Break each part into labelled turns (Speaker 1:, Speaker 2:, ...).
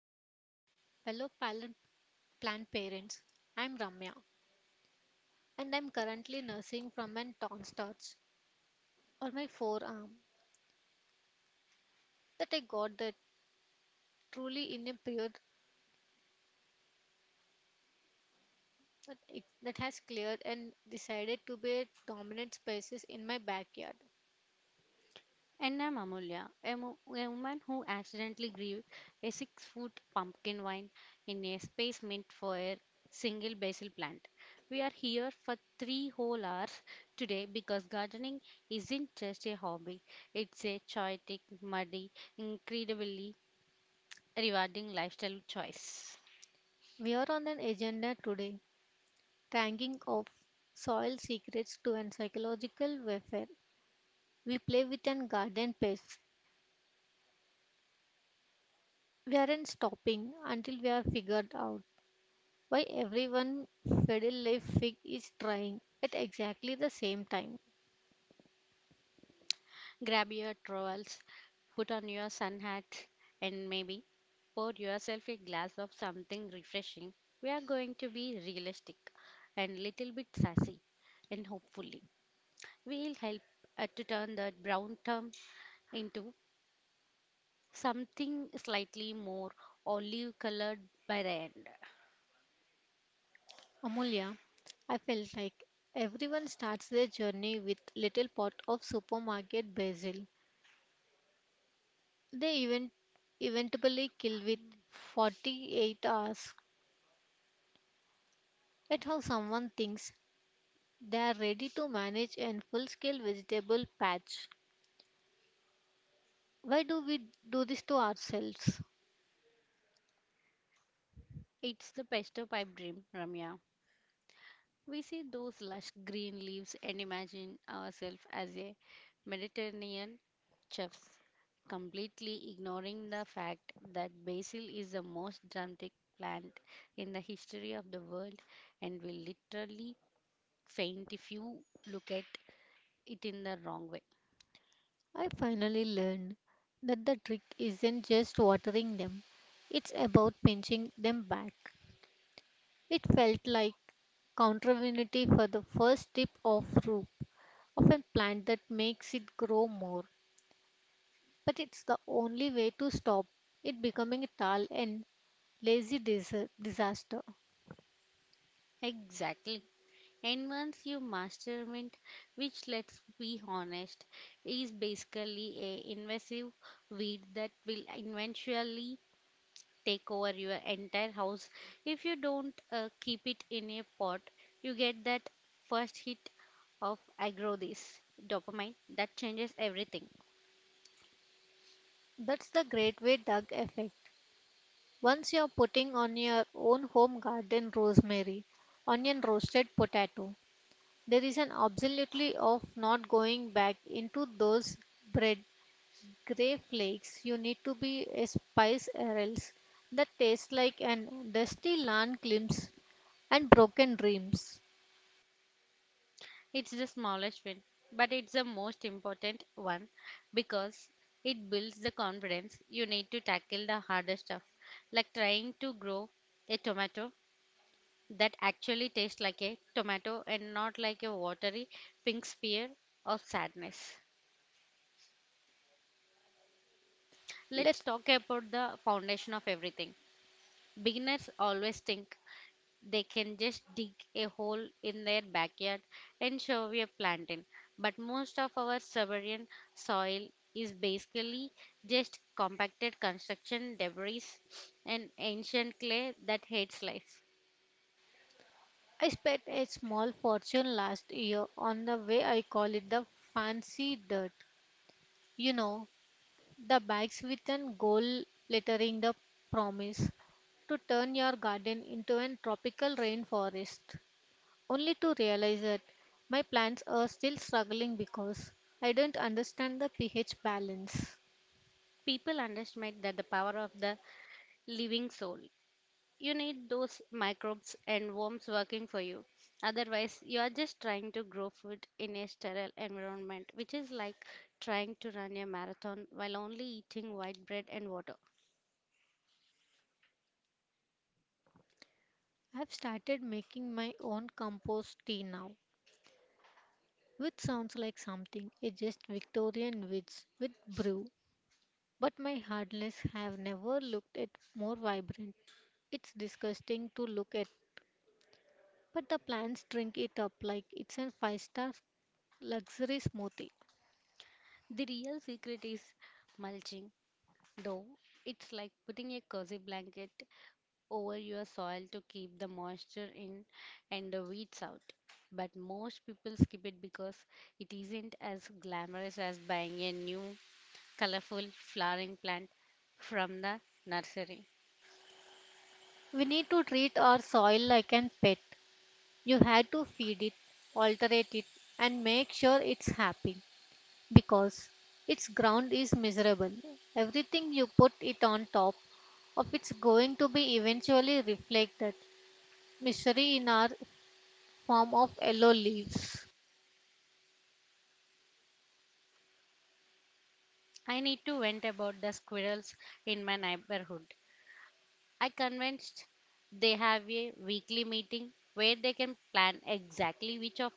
Speaker 1: ever, fellow plant parents. I'm Ramya, and I'm currently nursing from an tonsils or my forearm that I got that truly in a period that has cleared and decided to be a dominant species in my backyard.
Speaker 2: And I'm Amulya, a woman who accidentally grew a 6-foot pumpkin vine in a space meant for a single basil plant. We are here for three whole hours today because gardening isn't just a hobby, it's a chaotic, muddy, incredibly rewarding lifestyle choice.
Speaker 1: We are on an agenda today, tanking off soil secrets to an psychological warfare. We play with an garden pest. We aren't stopping until we are figured out why everyone fiddle leaf fig is trying at exactly the same time.
Speaker 2: Grab your trowels, put on your sun hat, and maybe pour yourself a glass of something refreshing. We are going to be realistic and little bit sassy, and hopefully, we'll help to turn that brown term into something slightly more olive colored by the end.
Speaker 1: Amulya, I felt like everyone starts their journey with little pot of supermarket basil. They even eventually kill with
Speaker 2: Um,
Speaker 1: 48 hours. At how someone thinks they are ready to manage a full-scale vegetable patch. Why do we do this to ourselves?
Speaker 2: It's the pesto pipe dream, Ramya. We see those lush green leaves and imagine ourselves as a Mediterranean chefs, completely ignoring the fact that basil is the most dramatic plant in the history of the world and will literally faint if you look at it in the wrong way.
Speaker 1: I finally learned that the trick isn't just watering them, it's about pinching them back. It felt like countervinity for the first tip of root of a plant that makes it grow more. But it's the only way to stop it becoming a tall and lazy disaster.
Speaker 2: Exactly. And once you master mint, which let's be honest, is basically a invasive weed that will eventually take over your entire house if you don't keep it in a pot, you get that first hit of aggro, this dopamine that changes everything.
Speaker 1: That's the great way Doug effect. Once you're putting on your own home garden rosemary, onion roasted potato, there is an absolutely of not going back into those bread gray flakes. You need to be a spice or else that tastes like an dusty land glimpse and broken dreams.
Speaker 2: It's the smallest win, but it's the most important one, because it builds the confidence you need to tackle the harder stuff like trying to grow a tomato that actually tastes like a tomato and not like a watery pink spear of sadness. Let's
Speaker 1: Let
Speaker 2: talk about the foundation of everything. Beginners always think they can just dig a hole in their backyard and shove a plant in, but most of our suburban soil is basically just compacted construction debris and ancient clay that hates life.
Speaker 1: I spent a small fortune last year on the way I call it the fancy dirt. You know, the bags with an gold lettering the promise to turn your garden into a tropical rainforest, only to realize that my plants are still struggling because I don't understand the pH balance.
Speaker 2: People underestimate that the power of the living soul. You need those microbes and worms working for you. Otherwise, you are just trying to grow food in a sterile environment, which is like trying to run a marathon while only eating white bread and water.
Speaker 1: I've started making my own compost tea now, which sounds like something a just Victorian witch would brew, but my hardness have never looked at more vibrant. It's disgusting to look at, but the plants drink it up like it's a five-star luxury smoothie.
Speaker 2: The real secret is mulching, though. It's like putting a cozy blanket over your soil to keep the moisture in and the weeds out. But most people skip it because it isn't as glamorous as buying a new colorful flowering plant from the nursery.
Speaker 1: We need to treat our soil like an pet. You had to feed it, alterate it, and make sure it's happy because its ground is miserable. Everything you put it on top of it's going to be eventually reflected misery in our form of yellow leaves.
Speaker 2: I need to vent about the squirrels in my neighborhood. I convinced they have a weekly meeting where they can plan exactly which of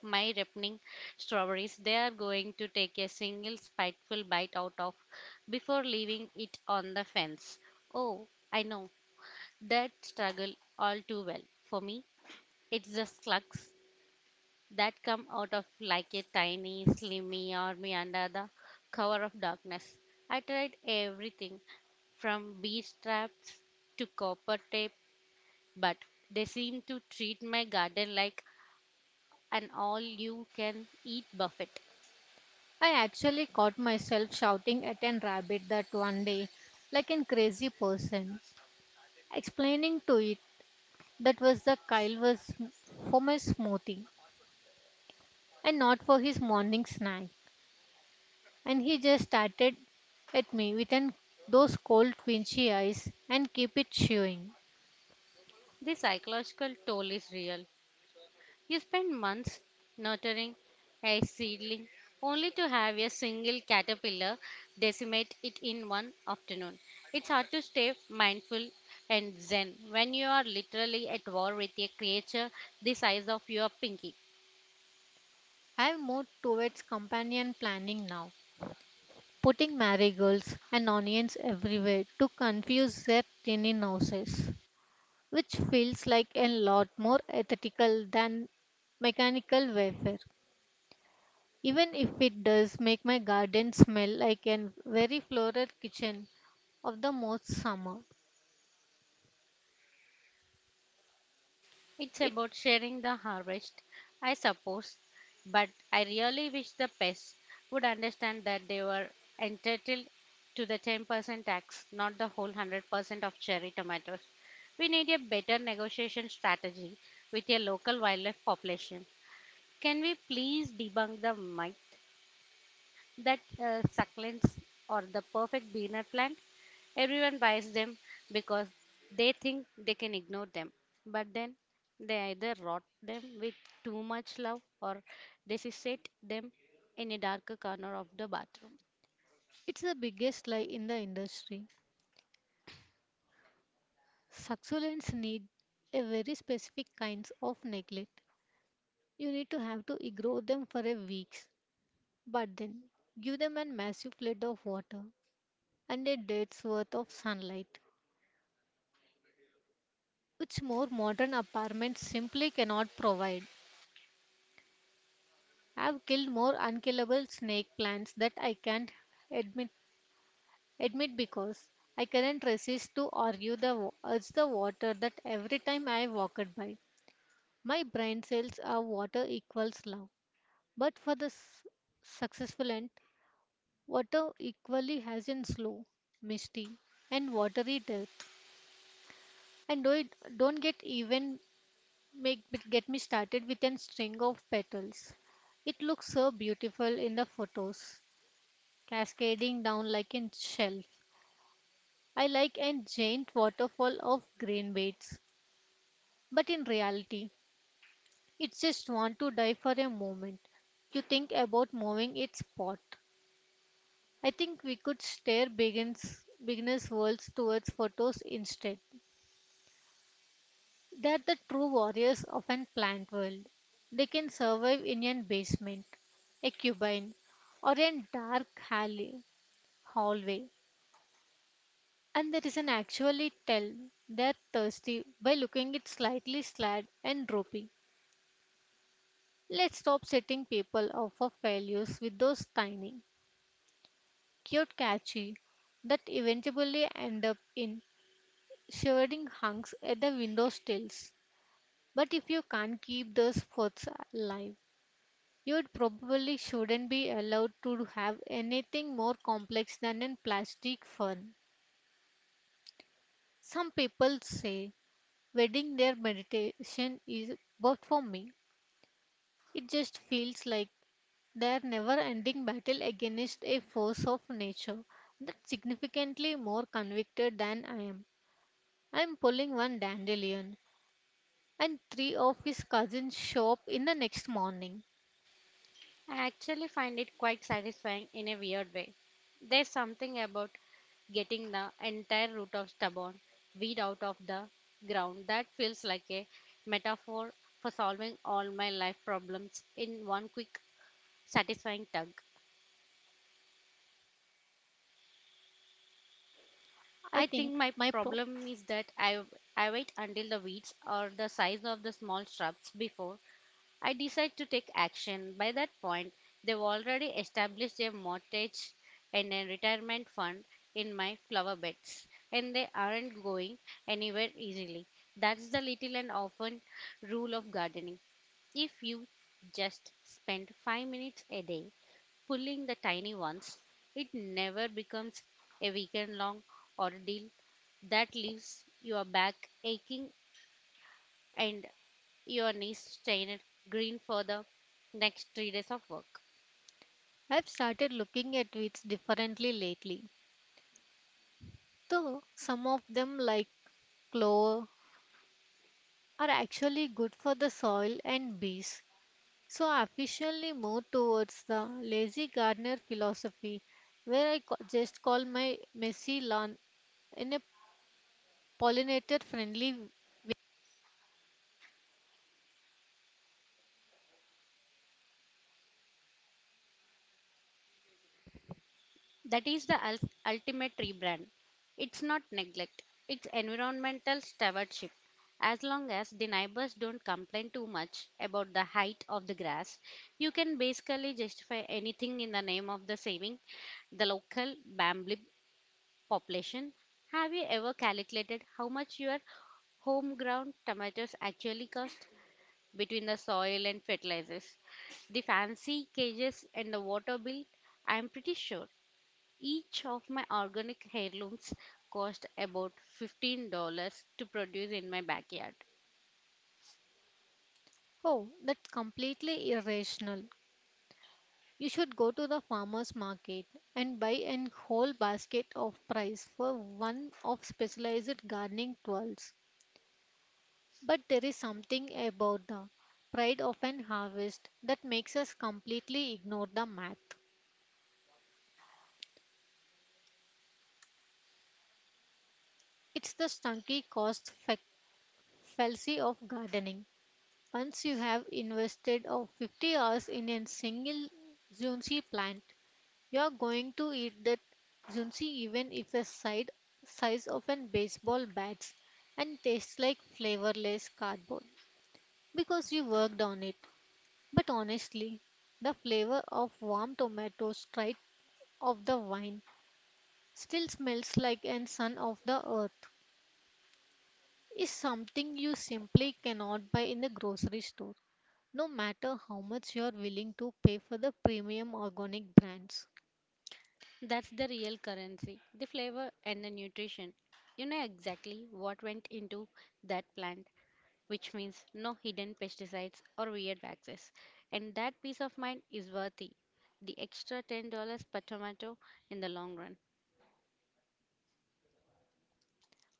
Speaker 2: my ripening strawberries they are going to take a single spiteful bite out of before leaving it on the fence. Oh, I know that struggle all too well. For me, it's the slugs that come out of like a tiny, slimy army under the cover of darkness. I tried everything from bee traps to copper tape, but they seem to treat my garden like an all you can eat buffet.
Speaker 1: I actually caught myself shouting at an rabbit that one day, like a crazy person, explaining to it that was the Kyle was for my smoothie and not for his morning snack. And he just started at me with an, those cold quenchy eyes and keep it chewing.
Speaker 2: The psychological toll is real. You spend months nurturing a seedling only to have a single caterpillar decimate it in one afternoon. It's hard to stay mindful and zen when you are literally at war with a creature the size of your pinky.
Speaker 1: I've moved towards companion planning now, putting marigolds and onions everywhere to confuse their tiny noses, which feels like a lot more aesthetical than mechanical warfare. Even if it does make my garden smell like a very floral kitchen of the most summer.
Speaker 2: It's
Speaker 1: It,
Speaker 2: about sharing the harvest, I suppose, but I really wish the pests would understand that they were entitled to the 10% tax, not the whole 100% of cherry tomatoes. We need a better negotiation strategy with a local wildlife population. Can we please debunk the myth that succulents or the perfect beginner plant. Everyone buys them because they think they can ignore them, but then they either rot them with too much love or resuscitate them in a darker corner of the bathroom.
Speaker 1: it's the biggest lie in the industry. Succulents need a very specific kinds of neglect. You need to have to grow them for a weeks, but then give them a massive flood of water and a day's worth of sunlight, which more modern apartments simply cannot provide. I've killed more unkillable snake plants that I can't admit admit because I couldn't resist to argue the urge the water that every time I walked by. My brain cells are water equals love. But for the successful end, water equally has in slow, misty, and watery depth. And do it, don't get even make get me started with an string of petals. It looks so beautiful in the photos, cascading down like a shelf. I like a giant waterfall of green beds, but in reality, it just want to die for a moment. You think about moving its pot. I think we could steer beginners' worlds towards photos instead. They are the true warriors of an plant world. They can survive in an basement, a cubine, or a dark alley, hallway. And there is an actually tell they are thirsty by looking it slightly slad and droopy. Let's stop setting people up for failures with those tiny, cute catchy that eventually end up in shivering hunks at the window sills. But if you can't keep those thoughts alive, you probably shouldn't be allowed to have anything more complex than a plastic fern. Some people say wedding their meditation is, but for me, it just feels like their never ending battle against a force of nature that's significantly more convicted than I am. I'm pulling one dandelion, and three of his cousins show up in the next morning.
Speaker 2: I actually find it quite satisfying in a weird way. There's something about getting the entire root of stubborn weed out of the ground that feels like a metaphor for solving all my life problems in one quick, satisfying tug.
Speaker 1: I
Speaker 2: I think
Speaker 1: think
Speaker 2: my
Speaker 1: my pro-
Speaker 2: problem is that I wait until the weeds are the size of the small shrubs before I decide to take action. By that point, they've already established a mortgage and a retirement fund in my flower beds, and they aren't going anywhere easily. That's the little and often rule of gardening. If you just spend 5 minutes a day pulling the tiny ones, it never becomes a weekend long ordeal that leaves your back aching and your knees stained green for the next 3 days of work.
Speaker 1: I've started looking at wits differently lately. Though some of them, like clover, are actually good for the soil and bees. So I officially moved towards the lazy gardener philosophy, where I just call my messy lawn in a pollinator friendly way.
Speaker 2: That is the ultimate rebrand. It's not neglect, it's environmental stewardship. As long as the neighbors don't complain too much about the height of the grass, you can basically justify anything in the name of the saving the local bamboo population. Have you ever calculated how much your homegrown tomatoes actually cost? Between the soil and fertilizers, the fancy cages and the water bill, I am pretty sure each of my organic heirlooms cost about $15 to produce in my backyard.
Speaker 1: Oh, that's completely irrational. You should go to the farmer's market and buy an whole basket of price for one of specialized gardening tools. But there is something about the pride of an harvest that makes us completely ignore the math. It's the stunky cost fallacy of gardening. Once you have invested of 50 hours in a single zucchini plant, you're going to eat that zunzi even if it's side size of an baseball bat's and tastes like flavorless cardboard because you worked on it. But honestly, the flavor of warm tomatoes straight of the vine still smells like an son of the earth is something you simply cannot buy in the grocery store, no matter how much you're willing to pay for the premium organic brands.
Speaker 2: That's the real currency, the flavor and the nutrition. You know exactly what went into that plant, which means no hidden pesticides or weird waxes. And that peace of mind is worthy the extra $10 per tomato in the long run.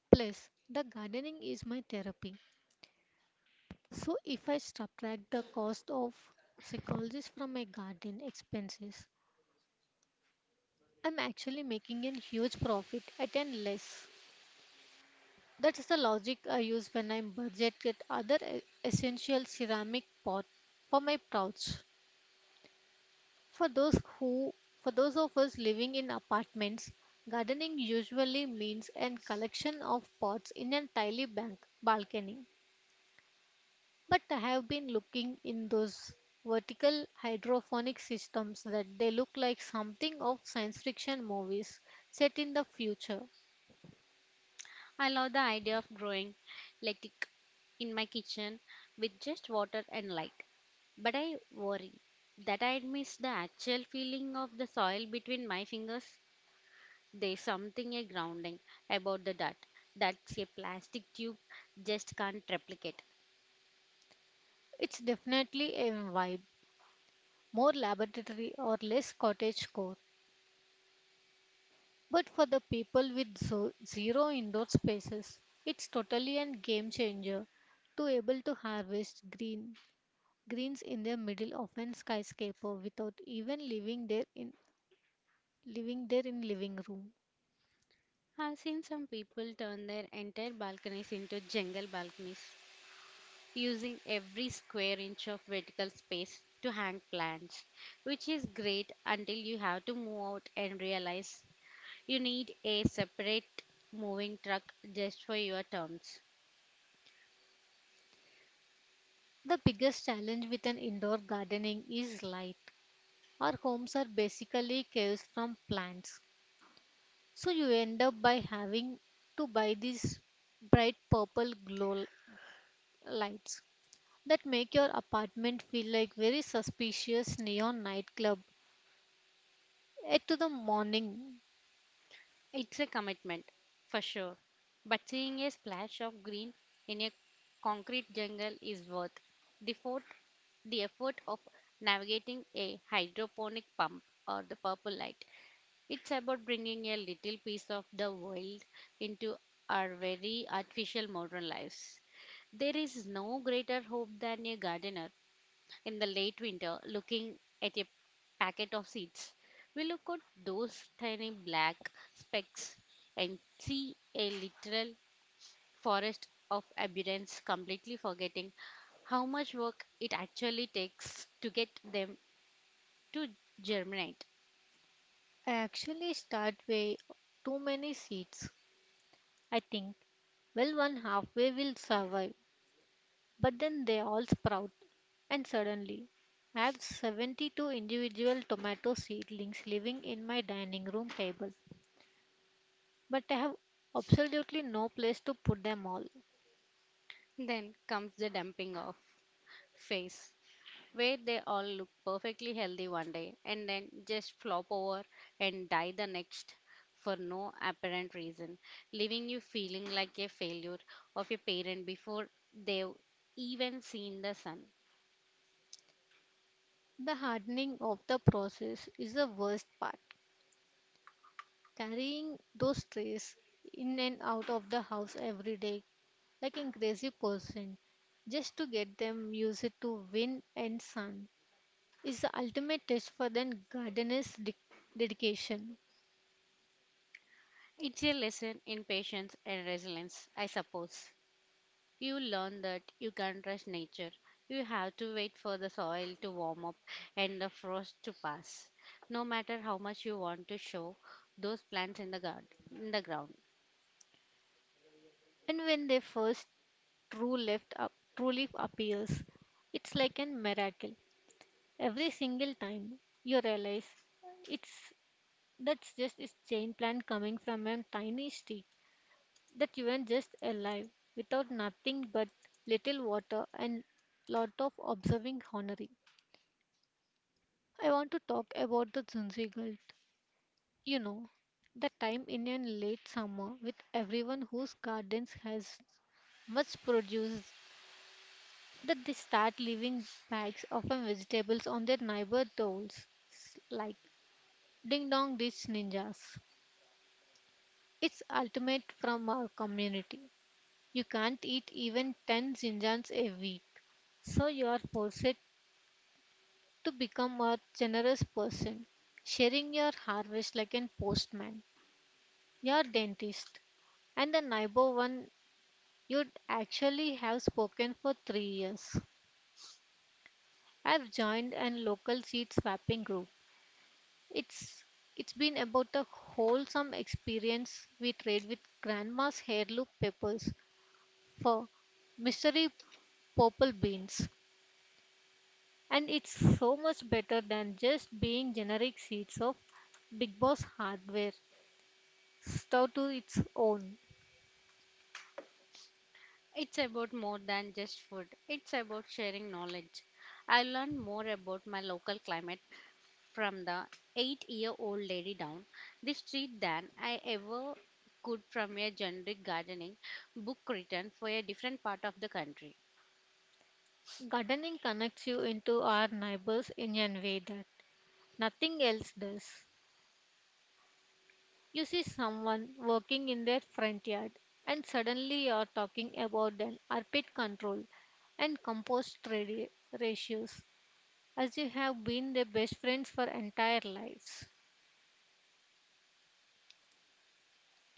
Speaker 1: Plus, the gardening is my therapy. So if I subtract the cost of psychologist from my garden expenses, I'm actually making a huge profit at an less. That's the logic I use when I'm budgeted other essential ceramic pot for my pouch. For those who for those of us living in apartments, gardening usually means a collection of pots in a tiny bank balcony. But I have been looking in those vertical hydroponic systems that they look like something of science fiction movies set in the future.
Speaker 2: I love the idea of growing lettuce in my kitchen with just water and light. But I worry that I'd miss the actual feeling of the soil between my fingers. There's something a grounding about the dirt that's a plastic tube just can't replicate.
Speaker 1: It's definitely a vibe, more laboratory or less cottage core. But for the people with zero indoor spaces, it's totally a game changer to able to harvest greens in the middle of an skyscraper without even leaving there in living room.
Speaker 2: I've seen some people turn their entire balconies into jungle balconies using every square inch of vertical space to hang plants, which is great until you have to move out and realize you need a separate moving truck just for your terms.
Speaker 1: The biggest challenge with an indoor gardening is light. Our homes are basically caves from plants. So you end up by having to buy these bright purple glow lights that make your apartment feel like very suspicious neon nightclub. Eight to the morning.
Speaker 2: It's a commitment, for sure, but seeing a splash of green in a concrete jungle is worth the effort, the effort of navigating a hydroponic pump or the purple light. It's about bringing a little piece of the wild into our very artificial modern lives. There is no greater hope than a gardener in the late winter looking at a packet of seeds. We look at those tiny black specks and see a literal forest of abundance, completely forgetting how much work it actually takes to get them to germinate.
Speaker 1: I actually start way too many seeds. I think well one halfway will survive. But then they all sprout, and suddenly I have 72 individual tomato seedlings living in my dining room table, but I have absolutely no place to put them all.
Speaker 2: Then comes the dumping off phase where they all look perfectly healthy one day and then just flop over and die the next for no apparent reason, leaving you feeling like a failure of a parent before they've even seen the sun.
Speaker 1: The hardening of the process is the worst part. Carrying those trays in and out of the house every day like a crazy person just to get them used to wind and sun is the ultimate test for the gardener's dedication.
Speaker 2: It's a lesson in patience and resilience, I suppose. You learn that you can't rush nature. You have to wait for the soil to warm up and the frost to pass. No matter how much you want to show those plants in the garden, in the ground.
Speaker 1: And when they first truly appears. It's like a miracle. Every single time you realize it's that's just a chain plant coming from a tiny stick that you are just alive without nothing but little water and lot of observing honoring. I want to talk about the Zunzigalt. You know, the time in a late summer with everyone whose gardens has much produce that they start leaving bags of vegetables on their neighbor doors, like ding dong ditch ninjas. It's ultimate from our community. You can't eat even 10 zinjans a week, so you are forced to become a generous person, sharing your harvest like a postman, your dentist, and the neighbor one you'd actually have spoken for 3 years. I've joined a local seed swapping group. It's it's been about the wholesome experience we trade with grandma's heirloom peppers for mystery purple beans. And it's so much better than just being generic seeds of Big Boss hardware, stuck to its own.
Speaker 2: It's about more than just food. It's about sharing knowledge. I learned more about my local climate from the 8-year-old lady down the street than I ever could from a generic gardening book written for a different part of the country.
Speaker 1: Gardening connects you into our neighbors in a way that nothing else does. You see someone working in their front yard, and suddenly you're talking about an arpit control and compost ratios as you have been their best friends for entire lives.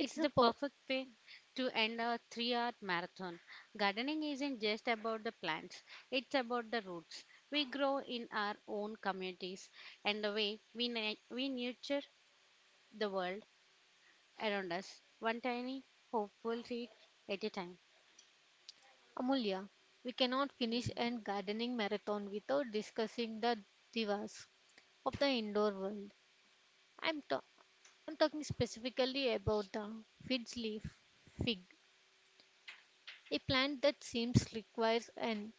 Speaker 2: It's
Speaker 1: a
Speaker 2: the
Speaker 1: po-
Speaker 2: perfect way to end our 3-hour marathon. Gardening isn't just about the plants, it's about the roots we grow in our own communities and the way we nurture the world around us, one tiny, hopeful seed at a time.
Speaker 1: Amulya, we cannot finish a gardening marathon without discussing the divas of the indoor world. I'm, ta- I'm talking specifically about the fig's leaf fig, a plant that seems requires an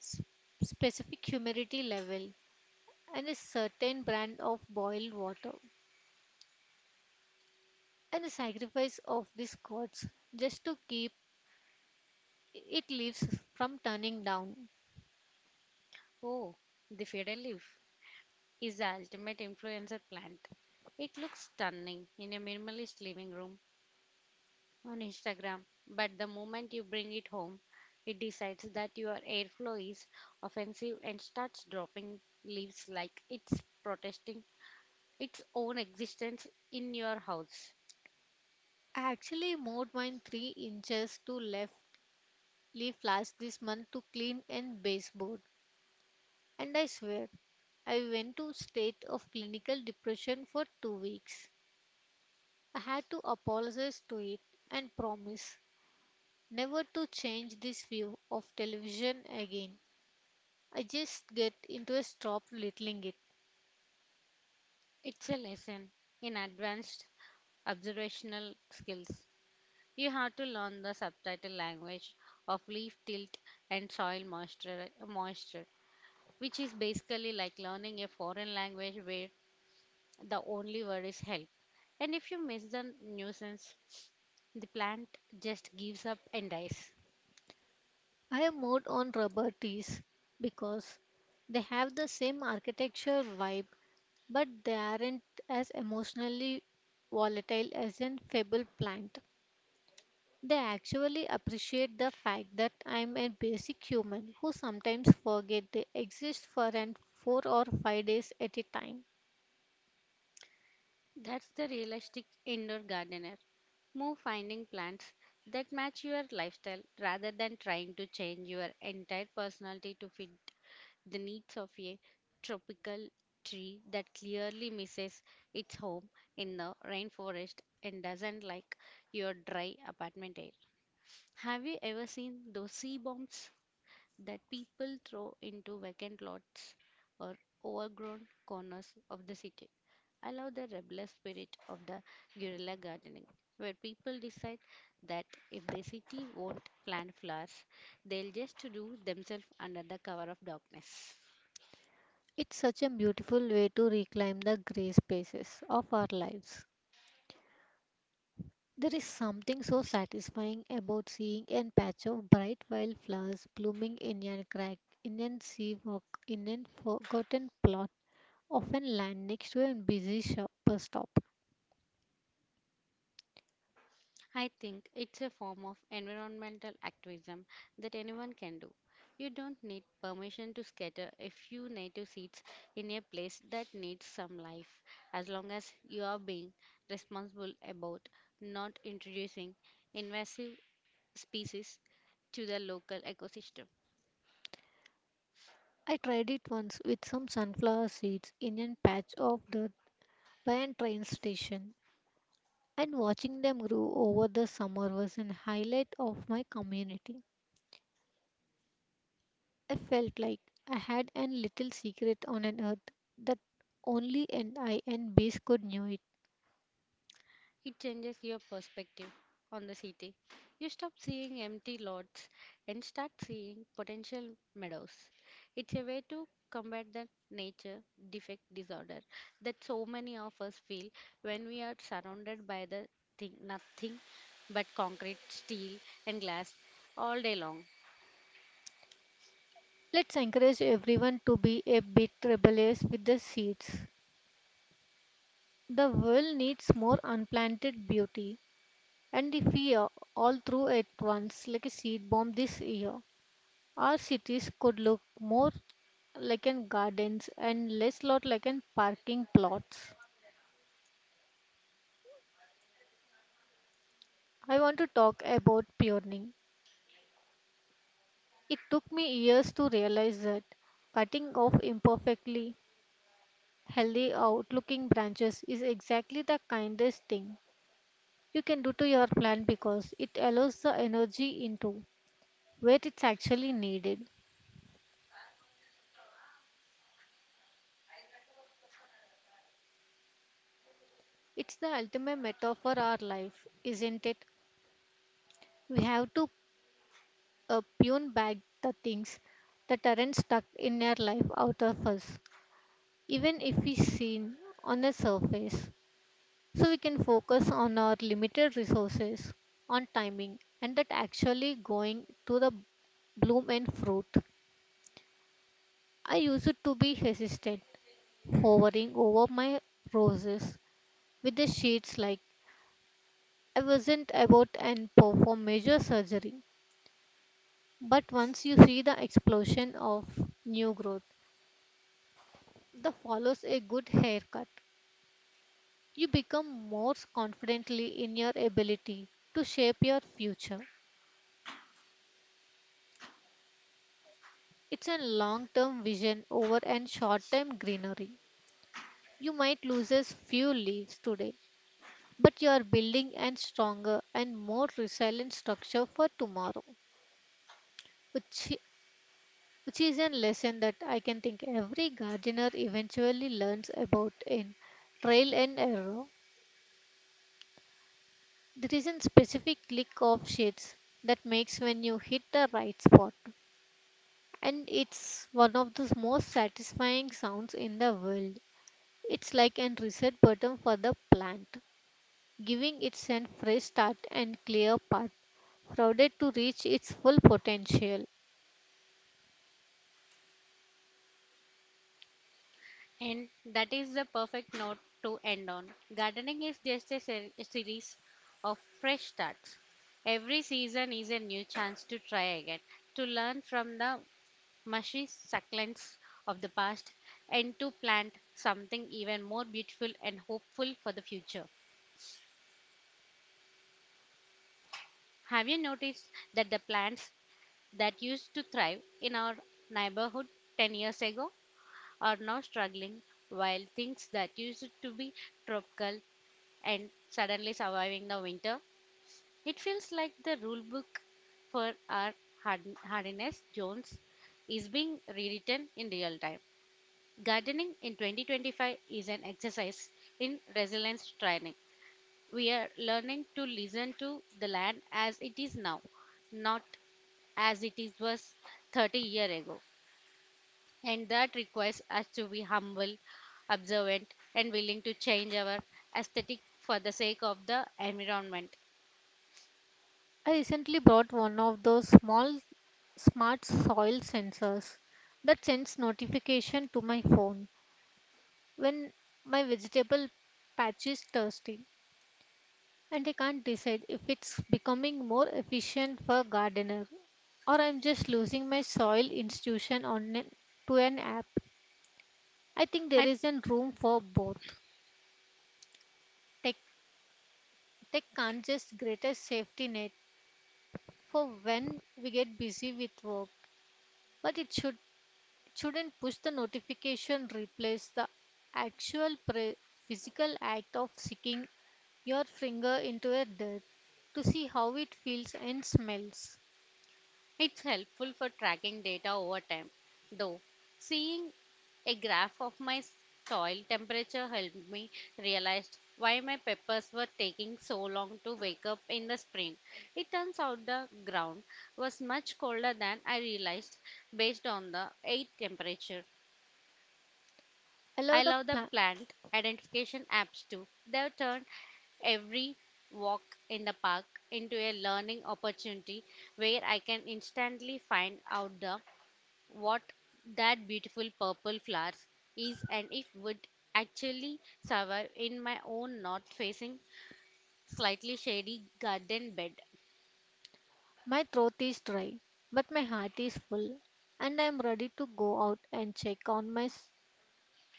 Speaker 1: specific humidity level, and a certain brand of boiled water, and the sacrifice of these gods just to keep it leaves from turning down.
Speaker 2: Oh, the fatal leaf is the ultimate influencer plant. It looks stunning in a minimalist living room on Instagram, but the moment you bring it home, it decides that your airflow is offensive and starts dropping leaves like it's protesting its own existence in your house.
Speaker 1: I actually moved mine 3 inches to left leaf last this month to clean and baseboard, and I swear I went to state of clinical depression for 2 weeks. I had to apologize to it and promise never to change this view of television again. I just get into a stop littling it.
Speaker 2: It's a lesson in advanced observational skills. You have to learn the subtitle language of leaf tilt and soil moisture, which is basically like learning a foreign language where the only word is help. And if you miss the nuisance, the plant just gives up and dies.
Speaker 1: I have moved on rubber tees because they have the same architecture vibe, but they aren't as emotionally volatile as an fable plant. They actually appreciate the fact that I'm a basic human who sometimes forget they exist for an 4 or 5 days at a time.
Speaker 2: That's the realistic indoor gardener. Move finding plants that match your lifestyle rather than trying to change your entire personality to fit the needs of a tropical tree that clearly misses its home in the rainforest and doesn't like your dry apartment air. Have you ever seen those sea bombs that people throw into vacant lots or overgrown corners of the city? I love the rebellious spirit of the guerrilla gardening, where people decide that if the city won't plant flowers, they'll just do themselves under the cover of darkness.
Speaker 1: It's such a beautiful way to reclaim the gray spaces of our lives. There is something so satisfying about seeing a patch of bright wildflowers blooming in a crack, in a seawalk, in a forgotten plot of a land next to a busy bus stop.
Speaker 2: I think it's a form of environmental activism that anyone can do. You don't need permission to scatter a few native seeds in a place that needs some life, as long as you are being responsible about not introducing invasive species to the local ecosystem.
Speaker 1: I tried it once with some sunflower seeds in a patch of dirt by a train station, and watching them grow over the summer was an highlight of my community. I felt like I had a little secret on an earth that only an I and bees could know.
Speaker 2: It changes your perspective on the city. You stop seeing empty lots and start seeing potential meadows. It's a way to combat the nature defect disorder that so many of us feel when we are surrounded by the thing, nothing but concrete, steel, and glass all day long.
Speaker 1: Let's encourage everyone to be a bit rebellious with the seeds. The world needs more unplanted beauty and the fear all threw at once like a seed bomb this year. Our cities could look more like an gardens and less lot like an parking plots. I want to talk about pruning. It took me years to realize that cutting off imperfectly healthy outlooking branches is exactly the kindest thing you can do to your plant, because it allows the energy into where it's actually needed. It's the ultimate metaphor for our life, isn't it? We have to prune back the things that aren't stuck in our life out of us, even if we seen on a surface, so we can focus on our limited resources, on timing, and that actually going to the bloom and fruit. I used to be hesitant hovering over my roses with the shades like I wasn't about and perform major surgery. But once you see the explosion of new growth that follows a good haircut, you become more confidently in your ability to shape your future. It's a long-term vision over and short-term greenery. You might lose a few leaves today, but you are building a stronger and more resilient structure for tomorrow. Which which is a lesson that I can think every gardener eventually learns about in trial and error. There is a specific click of shades that makes when you hit the right spot, and it's one of the most satisfying sounds in the world. It's like a reset button for the plant, giving it a fresh start and clear path, provided to reach its full potential.
Speaker 2: And that is the perfect note to end on. Gardening is just a series of fresh starts. Every season is a new chance to try again, to learn from the mushy succulents of the past, and to plant something even more beautiful and hopeful for the future. Have you noticed that the plants that used to thrive in our neighborhood 10 years ago are now struggling, while things that used to be tropical and suddenly surviving the winter. It feels like the rule book for our hardiness zones is being rewritten in real time. Gardening in 2025 is an exercise in resilience training. We are learning to listen to the land as it is now, not as it is was 30 years ago. And that requires us to be humble, observant, and willing to change our aesthetic for the sake of the environment.
Speaker 1: I recently bought one of those small smart soil sensors that sends notification to my phone when my vegetable patch is thirsty, and I can't decide if it's becoming more efficient for gardener or I'm just losing my soil institution on to an app. I think there
Speaker 2: I
Speaker 1: isn't room for both. Tech tech can't just greatest safety net for when we get busy with work, but it shouldn't push the notification replace the actual physical act of sticking your finger into a dirt to see how it feels and smells.
Speaker 2: It's helpful for tracking data over time, though. Seeing a graph of my soil temperature helped me realize why my peppers were taking so long to wake up in the spring. It turns out the ground was much colder than I realized based on the air temperature.
Speaker 1: Allow
Speaker 2: I
Speaker 1: the
Speaker 2: love the
Speaker 1: pla-
Speaker 2: plant identification apps too. They've turned every walk in the park into a learning opportunity where I can instantly find out the what that beautiful purple flowers is and if would actually survive in my own north facing slightly shady garden bed.
Speaker 1: my throat is dry, but my heart is full, and I am ready to go out and check on my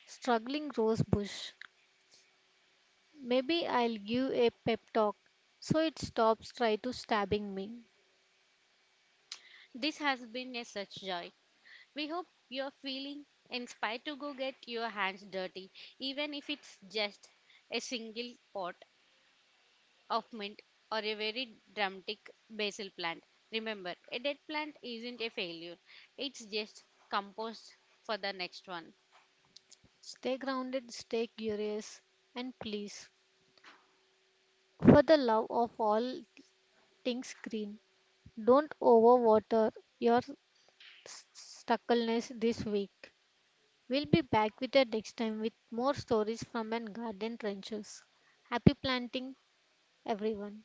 Speaker 1: struggling rose bush. Maybe I'll give a pep talk so it stops try to stabbing me.
Speaker 2: This has been a such joy. We hope you're feeling inspired to go get your hands dirty, even if it's just a single pot of mint or a very dramatic basil plant. Remember, a dead plant isn't a failure, it's just compost for the next one.
Speaker 1: Stay grounded, stay curious, and please, for the love of all things green, don't overwater your stuckleness this week. We'll be back with you next time with more stories from an garden trenches. Happy planting, everyone.